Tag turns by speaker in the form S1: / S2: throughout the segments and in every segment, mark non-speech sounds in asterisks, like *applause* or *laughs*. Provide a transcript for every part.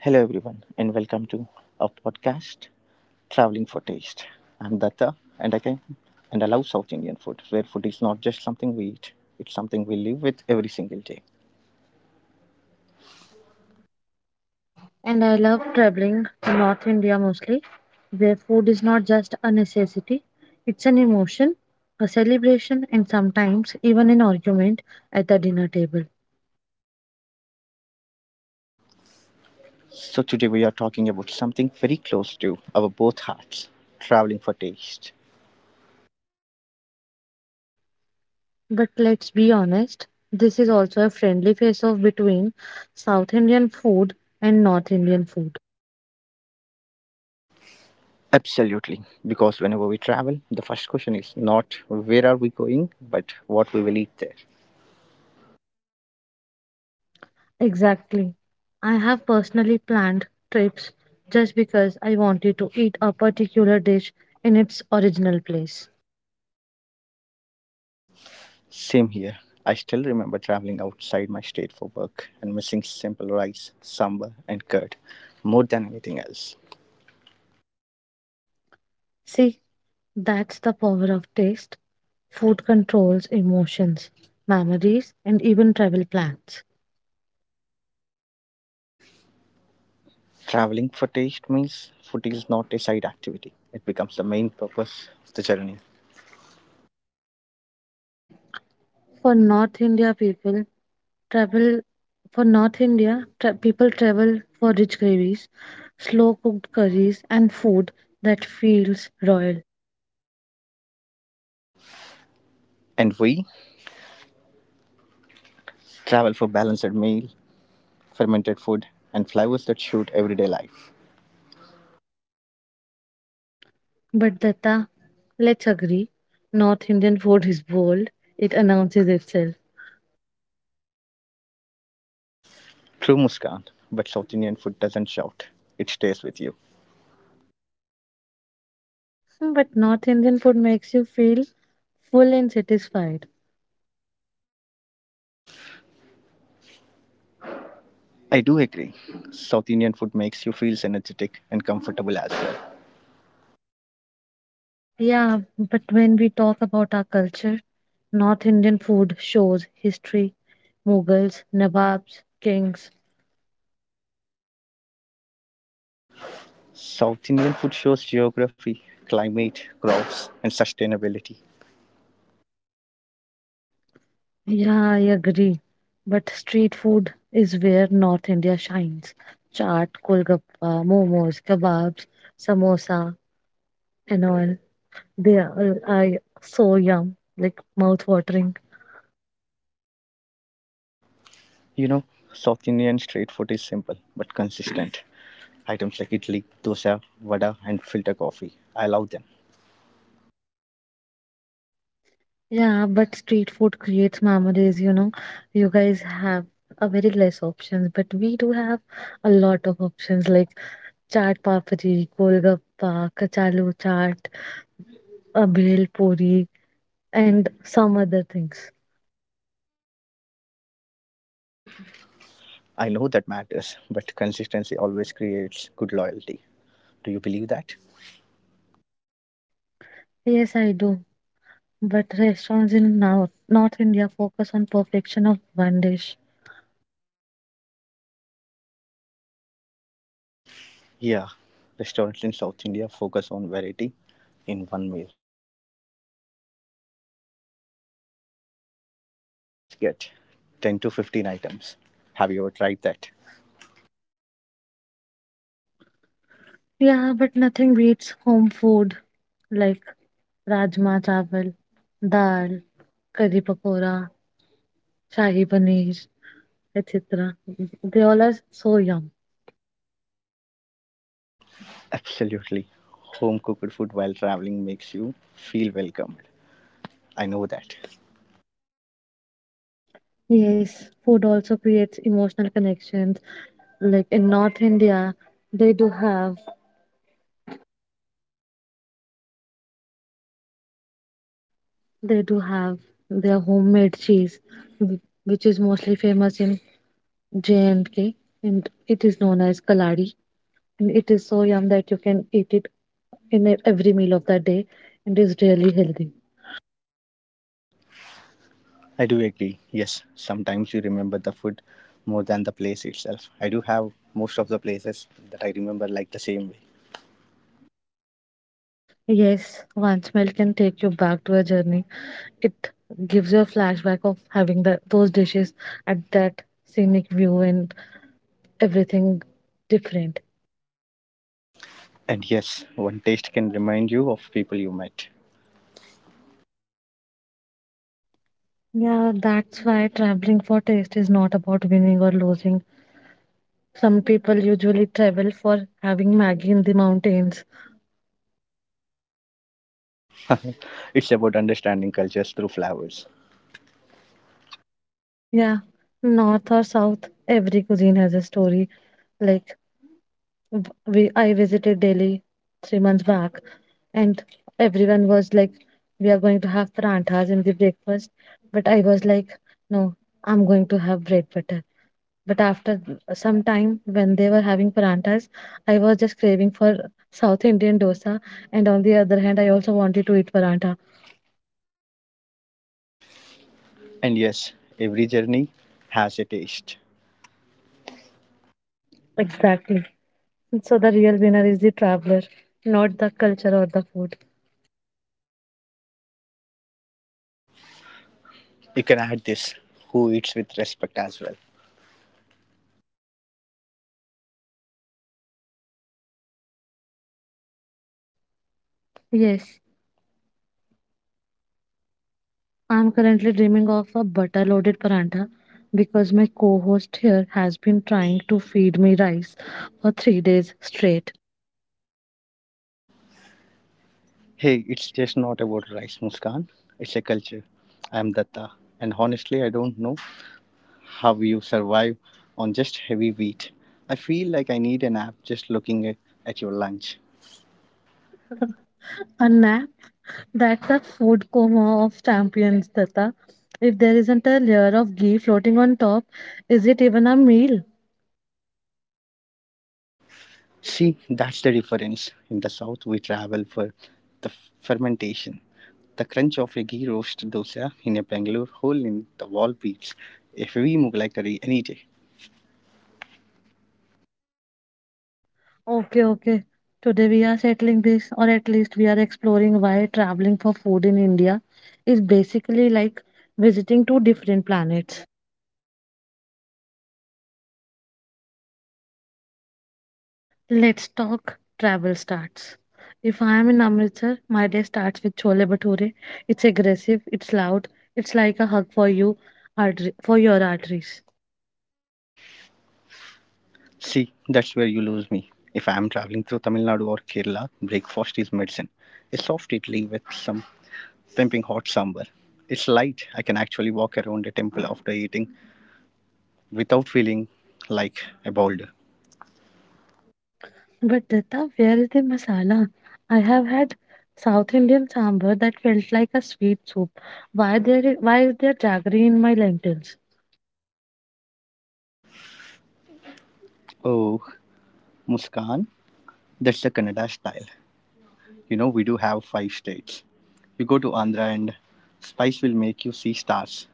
S1: Hello, everyone, and welcome to our podcast, Traveling for Taste. I'm Datta, and I can and I love South Indian food, where food is not just something we eat; it's something we live with every single day.
S2: and I love traveling to North India mostly, where food is not just a necessity, it's an emotion, a celebration, and sometimes even an argument at the dinner table.
S1: So today we are talking about something very close to our both hearts: traveling for taste.
S2: But let's be honest, this is also a friendly face off between South Indian food and North Indian food.
S1: Absolutely, because whenever we travel, the first question is not where are we going, but what we will eat there.
S2: Exactly. I have personally planned trips just because I wanted to eat a particular dish in its original place.
S1: Same here. I still remember traveling outside my state for work and missing simple rice, sambar, and curd more than anything else.
S2: See, that's the power of taste. Food controls emotions, memories, and even travel plans.
S1: Traveling for taste means food is not a side activity, it becomes the main purpose of the journey.
S2: For North India people, travel for North India, tra- people travel for rich gravies, slow cooked curries, and food that feels royal.
S1: And we travel for balanced meal, fermented food, and flavors that suit everyday life.
S2: But Datta, let's agree, North Indian food is bold, it announces itself.
S1: True Muskan, but South Indian food doesn't shout, it stays with you.
S2: But North Indian food makes you feel full and satisfied.
S1: I do agree. South Indian food makes you feel energetic and comfortable as well.
S2: Yeah, but when we talk about our culture, North Indian food shows history, Mughals, Nawabs, kings.
S1: South Indian food shows geography, climate, crops, and sustainability.
S2: Yeah, I agree. But street food is where North India shines. Chaat, Kolgappa, momos, kebabs, samosa, and all. They are I so yum, like mouth watering.
S1: You know, South Indian street food is simple but consistent. *clears throat* Items like idli, dosa, vada, and filter coffee. I love them.
S2: Yeah, but street food creates memories, you know. You guys have a very less options, but we do have a lot of options like Chaat papri, golgappa, kachalu chaat, a bhel puri, and some other things.
S1: I know that matters, but consistency always creates good loyalty. Do you believe that?
S2: Yes, I do. But restaurants in now North India focus on perfection of one dish.
S1: Yeah, restaurants in South India focus on variety in one meal.
S3: 10 to 15 items. Have you ever tried that?
S2: Yeah, but nothing beats home food like rajma chawal, dal, curry pakora, shahi paneer, etc. They all are so yum.
S3: Absolutely. Home cooked food while traveling makes you feel welcomed. I know that.
S2: Yes, food also creates emotional connections. Like in North India, they do have They do have their homemade cheese, which is mostly famous in J&K, and K, and it is known as kaladi. And it is so yum that you can eat it in every meal of the day, and is really healthy.
S3: I do agree. Yes, sometimes you remember the food more than the place itself. I do have most of the places that I remember like the same way.
S2: Yes, one smell can take you back to a journey. It gives you a flashback of having those dishes at that scenic view and everything different.
S3: And yes, one taste can remind you of people you met.
S2: Yeah, that's why traveling for taste is not about winning or losing. Some people usually travel for having Maggie in the mountains.
S3: *laughs* It's about understanding cultures through flavors.
S2: Yeah, north or south, every cuisine has a story. Like I visited Delhi 3 months back, and everyone was like, "We are going to have paranthas in the breakfast," but I was like, "No, I'm going to have bread butter." But after some time, when they were having paranthas, I was just craving for South Indian dosa, and on the other hand, I also wanted to eat parantha.
S3: And yes, every journey has a taste.
S2: Exactly. So the real winner is the traveler, not the culture or the food.
S3: You can add this who eats with respect as well.
S2: Yes, I'm currently dreaming of a butter loaded paranta because my co host here has been trying to feed me rice for 3 days straight.
S3: Hey, it's just not about rice, Muskan. It's a culture. I'm Datta, and honestly, I don't know how you survive on just heavy wheat. I feel like I need an app just looking at your lunch.
S2: *laughs* A nap? That's a food coma of champions, Tata. If there isn't a layer of ghee floating on top, is it even a meal?
S3: See, that's the difference. In the south, we travel for the fermentation. The crunch of a ghee roast dosa in a Bangalore hole in the wall beats a heavy Mughlai curry any day.
S2: Okay, okay. Today we are settling this, or at least we are exploring why traveling for food in India is basically like visiting two different planets. Let's talk travel starts. If I am in Amritsar, my day starts with chole bhature. It's aggressive, it's loud, it's like a hug for you, artery, for your arteries.
S3: See, that's where you lose me. If I am traveling through Tamil Nadu or Kerala, breakfast is medicine. A soft idli with some pimping hot sambar. It's light. I can actually walk around the temple after eating without feeling like a boulder.
S2: But Dutta, where is the masala? I have had South Indian sambar that felt like a sweet soup. Why there? Why is there jaggery in my lentils?
S3: Oh, Muskan, that's the Kannada style. You know, we do have five states. You go to Andhra and spice will make you see stars.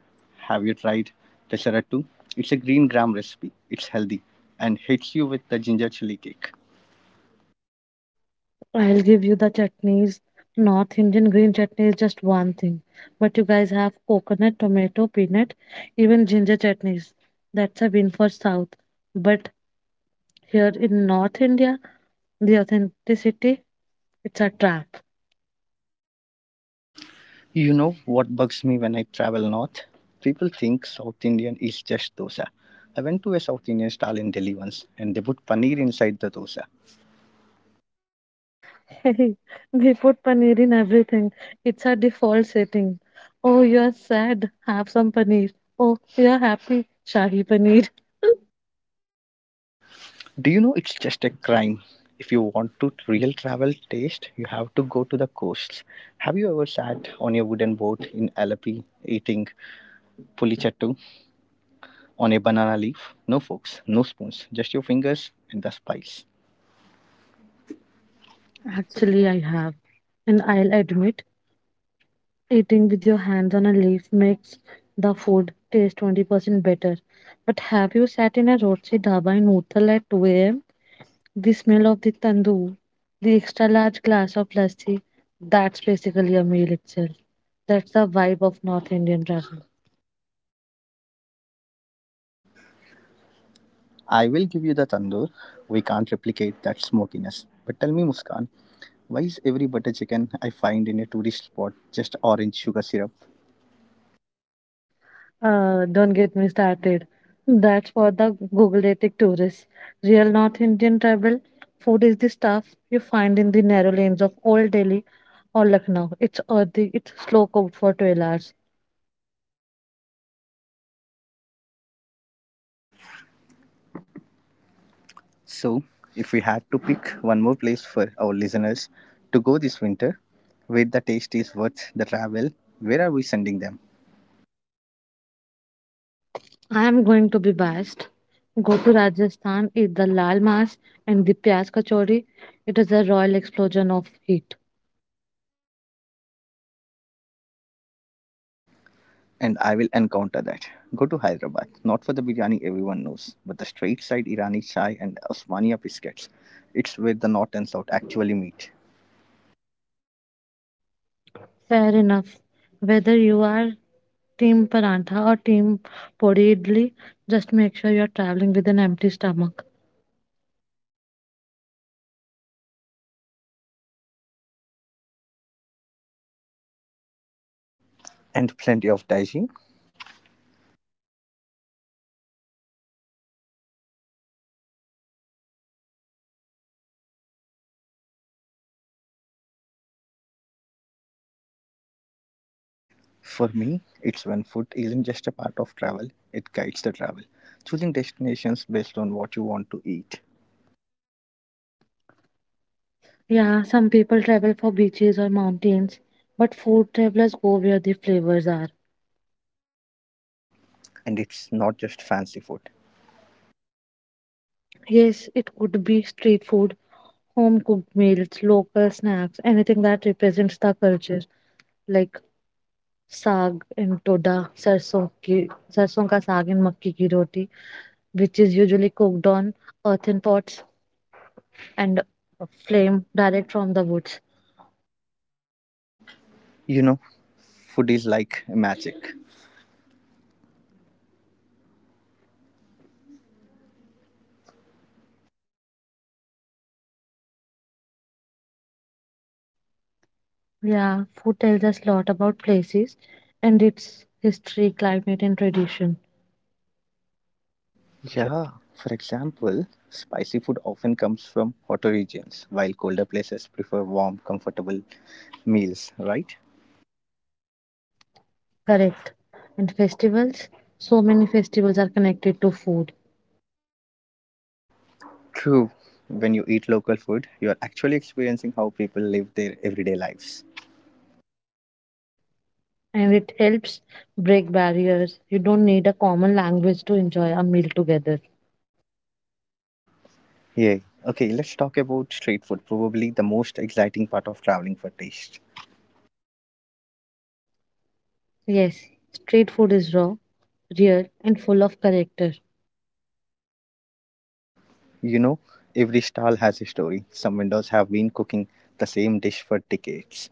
S3: Have you tried Pesarattu? It's a green gram recipe. It's healthy and hits you with the ginger chili cake.
S2: I'll give you the chutneys. North Indian green chutney is just one thing, but you guys have coconut, tomato, peanut, even ginger chutneys. That's a win for South. But here in North India, the authenticity, it's a trap.
S3: You know what bugs me when I travel north? People think South Indian is just dosa. I went to a South Indian stall in Delhi once and they put paneer inside the dosa.
S2: *laughs* We put paneer in everything. It's a default setting. Oh, you're sad. Have some paneer. Oh, you're happy. Shahi paneer. *laughs*
S3: Do you know it's just a crime? If you want to real travel taste, you have to go to the coasts. Have you ever sat on a wooden boat in Alapi eating pulichattu on a banana leaf? No forks, no spoons, just your fingers and the spice.
S2: Actually, I have. And I'll admit, eating with your hands on a leaf makes the food taste 20% better. But have you sat in a roadside dhaba in Uthal at 2 a.m.? The smell of the tandoor, the extra large glass of lassi, that's basically a meal itself. That's the vibe of North Indian travel.
S3: I will give you the tandoor. We can't replicate that smokiness. But tell me, Muskan, why is every butter chicken I find in a tourist spot just orange sugar syrup?
S2: Don't get me started. That's for the Googleatic tourists. Real North Indian travel food is the stuff you find in the narrow lanes of Old Delhi or Lucknow. It's earthy, it's slow cooked for 12 hours.
S4: So, if we had to pick one more place for our listeners to go this winter, where the taste is worth the travel, where are we sending them?
S2: I am going to be biased. Go to Rajasthan, eat the lal mas and the pyaz kachori. It is a royal explosion of heat.
S4: And I will encounter that. Go to Hyderabad, not for the biryani everyone knows, but the straight side Irani chai and Osmania biscuits. It's where the north and south actually meet.
S2: Fair enough. Whether you are team parantha or team pori idli, just make sure you are traveling with an empty stomach.
S4: And plenty of daiji. For me, it's when food isn't just a part of travel, it guides the travel. Choosing destinations based on what you want to eat.
S2: Yeah, some people travel for beaches or mountains, but food travelers go where the flavors are.
S4: And it's not just fancy food.
S2: Yes, it could be street food, home cooked meals, local snacks, anything that represents the culture, like saag in toda, sarson ka saag in makki ki roti, which is usually cooked on earthen pots and a flame direct from the woods.
S4: You know, food is like magic.
S2: Yeah, food tells us a lot about places and its history, climate, and tradition.
S4: Yeah, for example, spicy food often comes from hotter regions, while colder places prefer warm, comfortable meals, right?
S2: Correct. And festivals, so many festivals are connected to food
S4: True. When you eat local food, you are actually experiencing how people live their everyday lives.
S2: and it helps break barriers. You don't need a common language to enjoy a meal together.
S4: Yay. Okay, let's talk about street food, probably the most exciting part of traveling for taste.
S2: Yes, street food is raw, real, and full of character.
S4: You know, every stall has a story. Some vendors have been cooking the same dish for decades.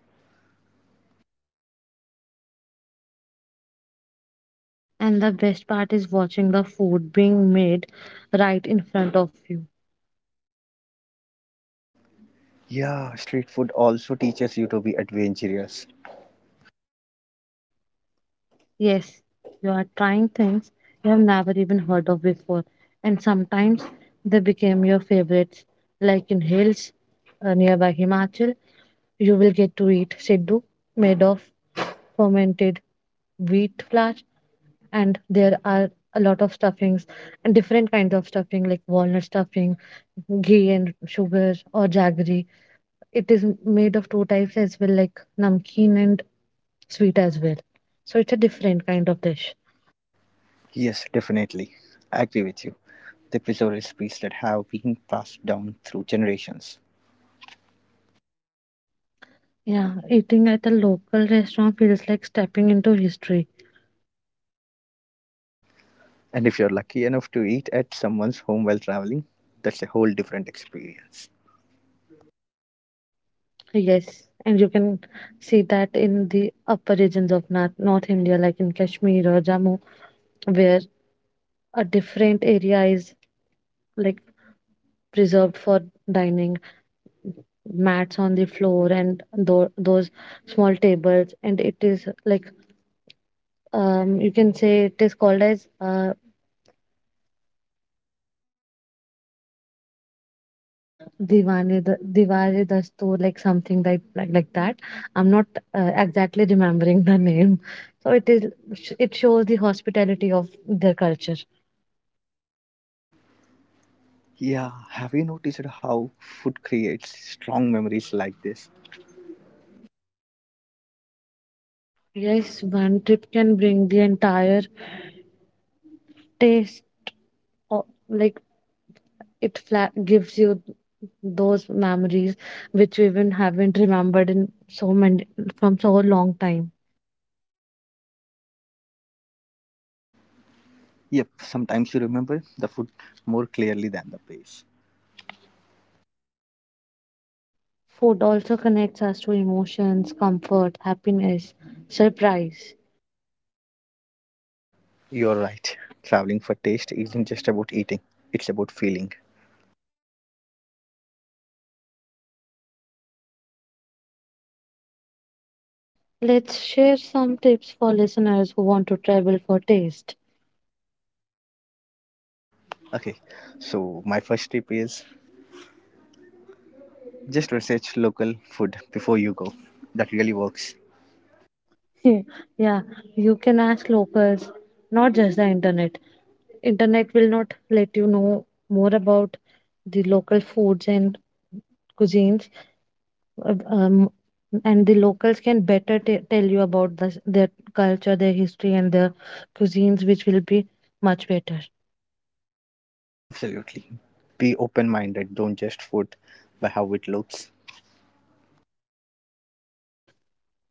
S2: And the best part is watching the food being made right in front of you.
S4: Yeah, street food also teaches you to be adventurous.
S2: Yes, you are trying things you have never even heard of before, and sometimes they became your favorites, like in hills nearby Himachal. You will get to eat siddu made of fermented wheat flour, and there are a lot of stuffings and different kinds of stuffing like walnut stuffing, ghee and sugar, or jaggery. It is made of two types as well, like namkeen and sweet as well. So it's a different kind of dish.
S4: Yes, definitely. I agree with you. They preserve recipes that have been passed down through generations.
S2: Yeah, eating at a local restaurant feels like stepping into history.
S4: And if you're lucky enough to eat at someone's home while traveling, that's a whole different experience.
S2: Yes, and you can see that in the upper regions of North India, like in Kashmir or Jammu, where a different area is like preserved for dining mats on the floor and those small tables, and it is like, you can say it is called as diwali diwali dastoor, like something like that. I'm not exactly remembering the name, so it shows the hospitality of their culture.
S4: Yeah, have you noticed how food creates strong memories like this?
S2: Yes, one trip can bring the entire taste of, like, gives you those memories which you even haven't remembered in so many from so long time.
S4: Yep, sometimes you remember the food more clearly than the place.
S2: Food also connects us to emotions, comfort, happiness, surprise.
S4: You're right. Traveling for taste isn't just about eating, it's about feeling.
S2: Let's share some tips for listeners who want to travel for taste.
S4: Okay, so my first tip is just research local food before you go. That really works.
S2: *laughs* Yeah, you can ask locals, not just the internet. Internet will not let you know more about the local foods and cuisines, uh, um, and the locals can better tell you about this, their culture, their history, and their cuisines, which will be much better.
S4: Absolutely. Be open minded, don't just food by how it looks.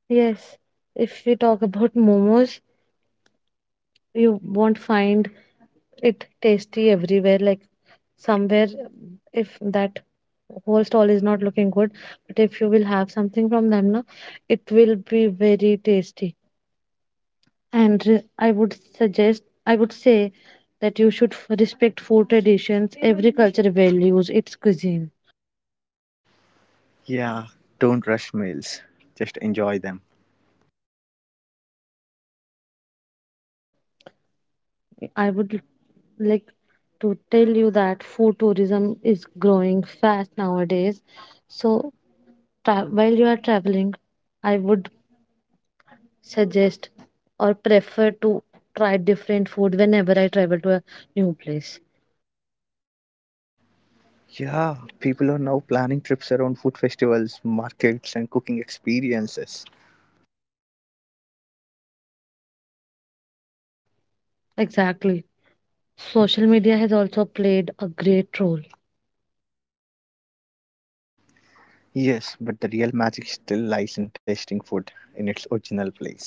S2: Yes, if we talk about momos, you won't find it tasty everywhere. Like somewhere, if that whole stall is not looking good, but if you will have something from them, na, it will be very tasty. And I would say that you should respect food traditions. Every culture values its cuisine.
S4: Yeah, don't rush meals, just enjoy them.
S2: I would like to tell you that food tourism is growing fast nowadays, so while you are traveling, I would suggest or prefer to try different food whenever I travel to a new place.
S4: Yeah, people are now planning trips around food festivals, markets, and cooking experiences.
S2: Exactly. Social media has also played a great role.
S4: Yes, but the real magic still lies in tasting food in its original place.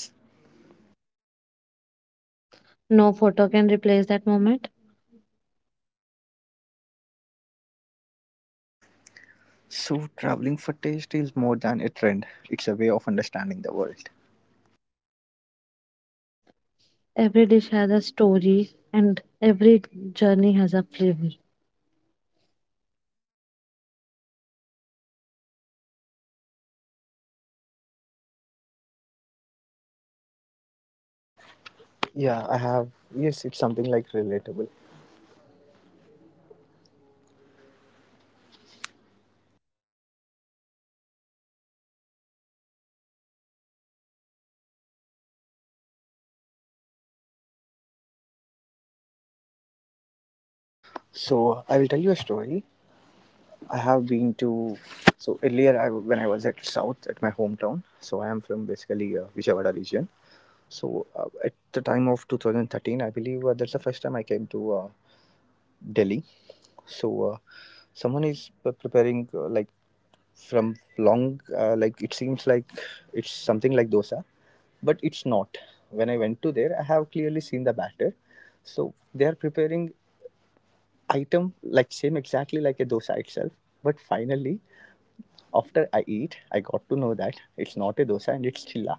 S2: No photo can replace that moment.
S4: So, traveling for taste is more than a trend, it's a way of understanding the world.
S2: Every dish has a story, and every journey has a flavor.
S4: Yeah, I have. Yes, it's something like relatable. So I will tell you a story. I have been to. So earlier, I, when I was at South at my hometown, so I am from basically Vijayawada region. So at the time of 2013, I believe that's the first time I came to Delhi. So someone is preparing like from long, like it seems like it's something like dosa, but it's not. When I went to there, I have clearly seen the batter. So they are preparing item like same exactly like a dosa itself, but finally after I eat I got to know that it's not a dosa and it's chilla.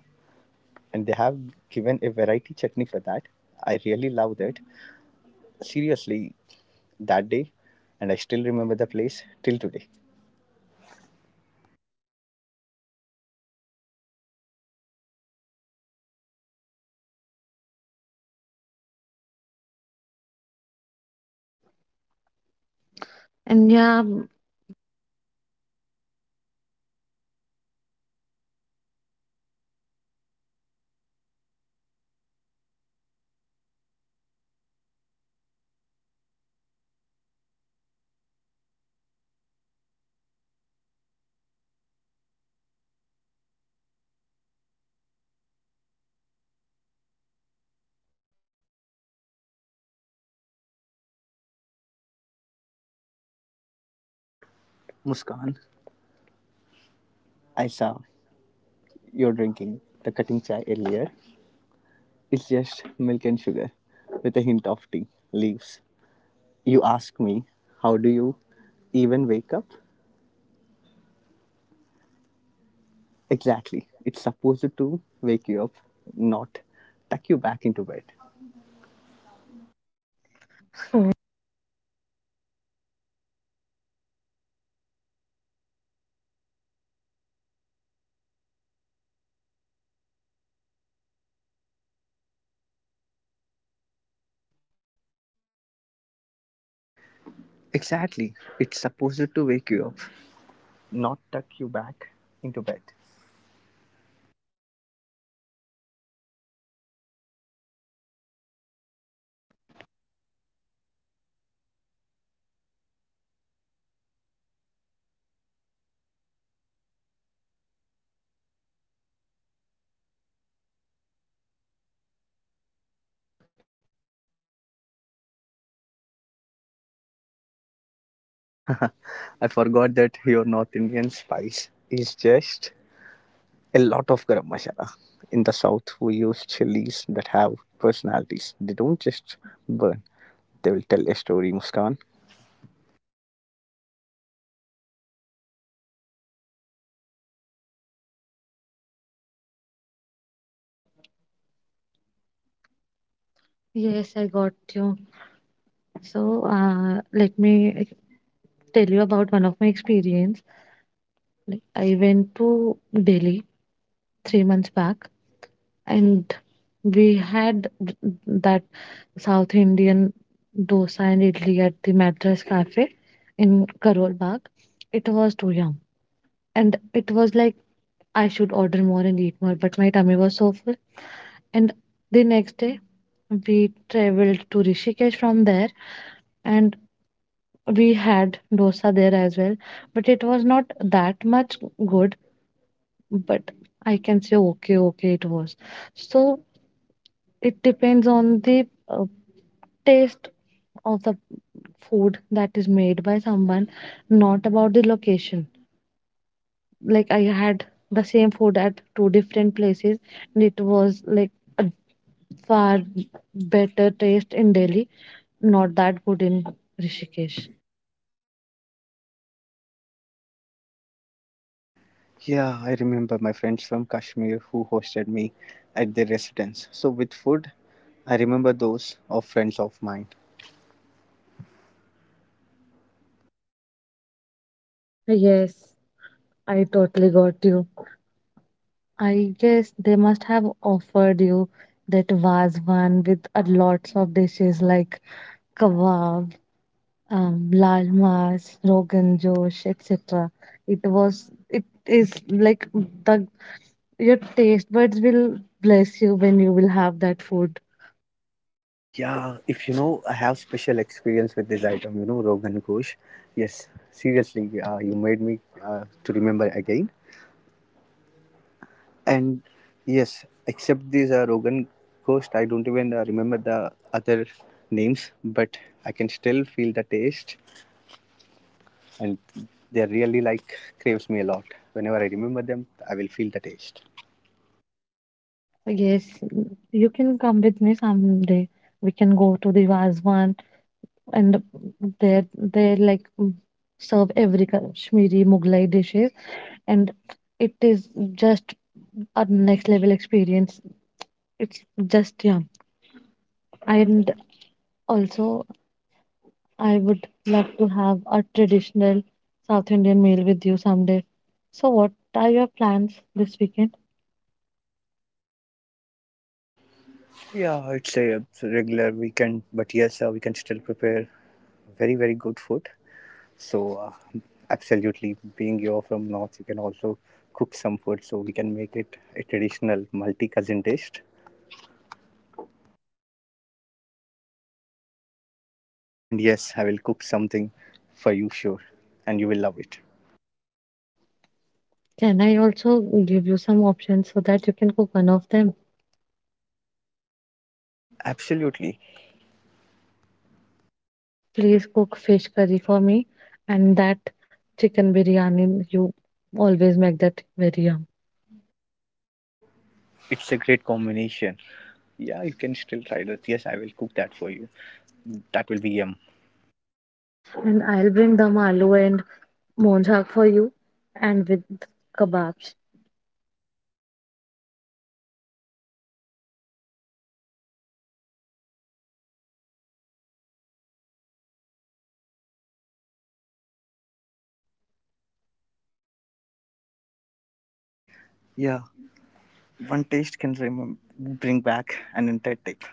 S4: And they have given a variety chutney for that. I really love that, seriously, that day, and I still remember the place till today.
S2: And yeah.
S4: Muskan, I saw you're drinking the cutting chai earlier. It's just milk and sugar with a hint of tea leaves. You ask me, how do you even wake up? Exactly. It's supposed to wake you up, not tuck you back into bed.
S2: *clears throat*
S4: Exactly. It's supposed to wake you up, not tuck you back into bed. I forgot that your North Indian spice is just a lot of garam masala. In the South, we use chilies that have personalities. They don't just burn, they will tell a story, Muskan.
S2: Yes, I got you. So, let me tell you about one of my experience. Like, I went to Delhi 3 months back, and we had that South Indian dosa and idli at the Madras Cafe in Karol Bagh. It was too yum, and it was like I should order more and eat more, but my tummy was so full. And the next day, we traveled to Rishikesh from there, and we had dosa there as well. But it was not that much good, but I can say okay, okay, it was. So it depends on the taste of the food that is made by someone, not about the location. Like I had the same food at two different places, and it was like a far better taste in Delhi, not that good in Rishikesh.
S4: Yeah, I remember my friends from Kashmir who hosted me at their residence. So, with food, I remember those of friends of mine.
S2: Yes, I totally got you. I guess they must have offered you that vazwan with a lots of dishes like kebab, lal mas, rogan josh, etc. It was, it is like the your taste buds will bless you when you will have that food.
S4: Yeah, if you know, I have special experience with this item, Rogan Kush. Yes, seriously, you made me to remember again. And yes, except this Rogan Kush, I don't even remember the other names, but I can still feel the taste, and they really like craves me a lot. Whenever I remember them, I will feel the taste.
S2: Yes, you can come with me someday. We can go to the vazwan, and there, they like, serve every Kashmiri Mughlai dishes, and it is just a next level experience. It's just, yeah, and also I would love to have a traditional South Indian meal with you someday. So, what are your plans this weekend?
S4: Yeah, it's a regular weekend, but yes, we can still prepare very good food. So, absolutely, being you're from North, you can also cook some food. So, we can make it a traditional multi cousin dish. And yes, I will cook something for you, sure. And you will love it.
S2: Can I also give you some options so that you can cook one of them?
S4: Absolutely.
S2: Please cook fish curry for me and that chicken biryani. You always make that very yum.
S4: It's a great combination. Yeah, you can still try that. Yes, I will cook that for you. That will be yum.
S2: And I'll bring the aloo and monjak for you and with kebabs.
S4: Yeah, one taste can bring back an entire trip.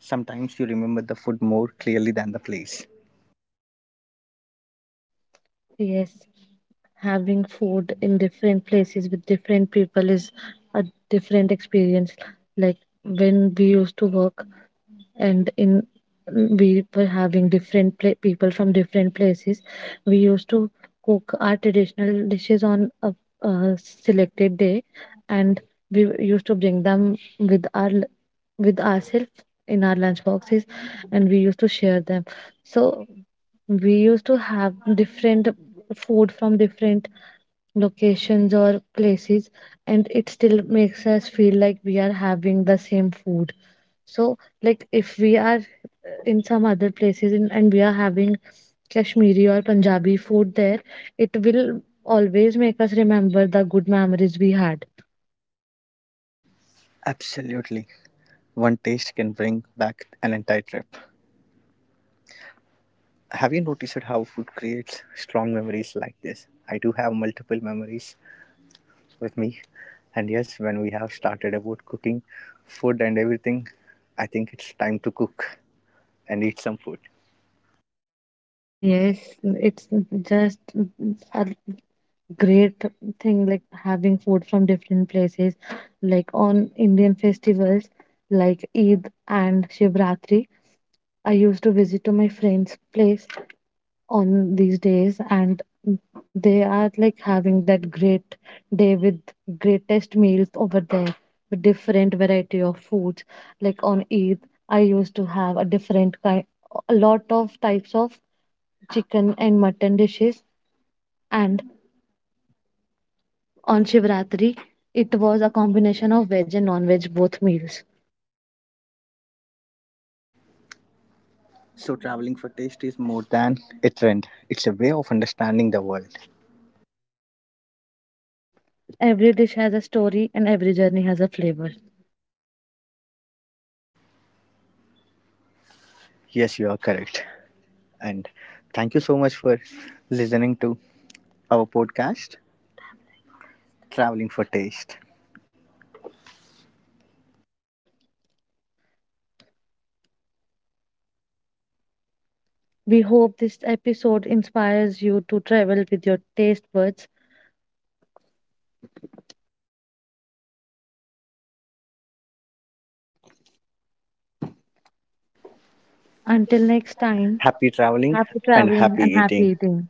S4: Sometimes you remember the food more clearly than the place.
S2: Yes, having food in different places with different people is a different experience. Like when we used to work, and in, we were having different people from different places, we used to cook our traditional dishes on a selected day, and we used to bring them with with ourselves in our lunch boxes, and we used to share them. So we used to have different food from different locations or places, and it still makes us feel like we are having the same food. So, like, if we are in some other places in, and we are having Kashmiri or Punjabi food there, it will always make us remember the good memories we had.
S4: Absolutely. One taste can bring back an entire trip. Have you noticed how food creates strong memories like this? I do have multiple memories with me. And yes, when we have started about cooking food and everything, I think it's time to cook and eat some food.
S2: Yes, it's just a great thing, like having food from different places, like on Indian festivals like Eid and Shivratri. I used to visit to my friend's place on these days, and they are like having that great day with greatest meals over there, with different variety of foods. Like on eid, I used to have a different kind a lot of types of chicken and mutton dishes, and on shivratri, it was a combination of veg and non-veg both meals.
S4: So, traveling for taste is more than a trend, it's a way of understanding the world.
S2: Every dish has a story, and every journey has a flavor.
S4: Yes, you are correct. And thank you so much for listening to our podcast, Traveling for Taste.
S2: We hope this episode inspires you to travel with your taste buds. Until next time,
S4: Happy traveling
S2: happy
S4: and
S2: traveling
S4: happy
S2: and
S4: eating.
S2: happy eating.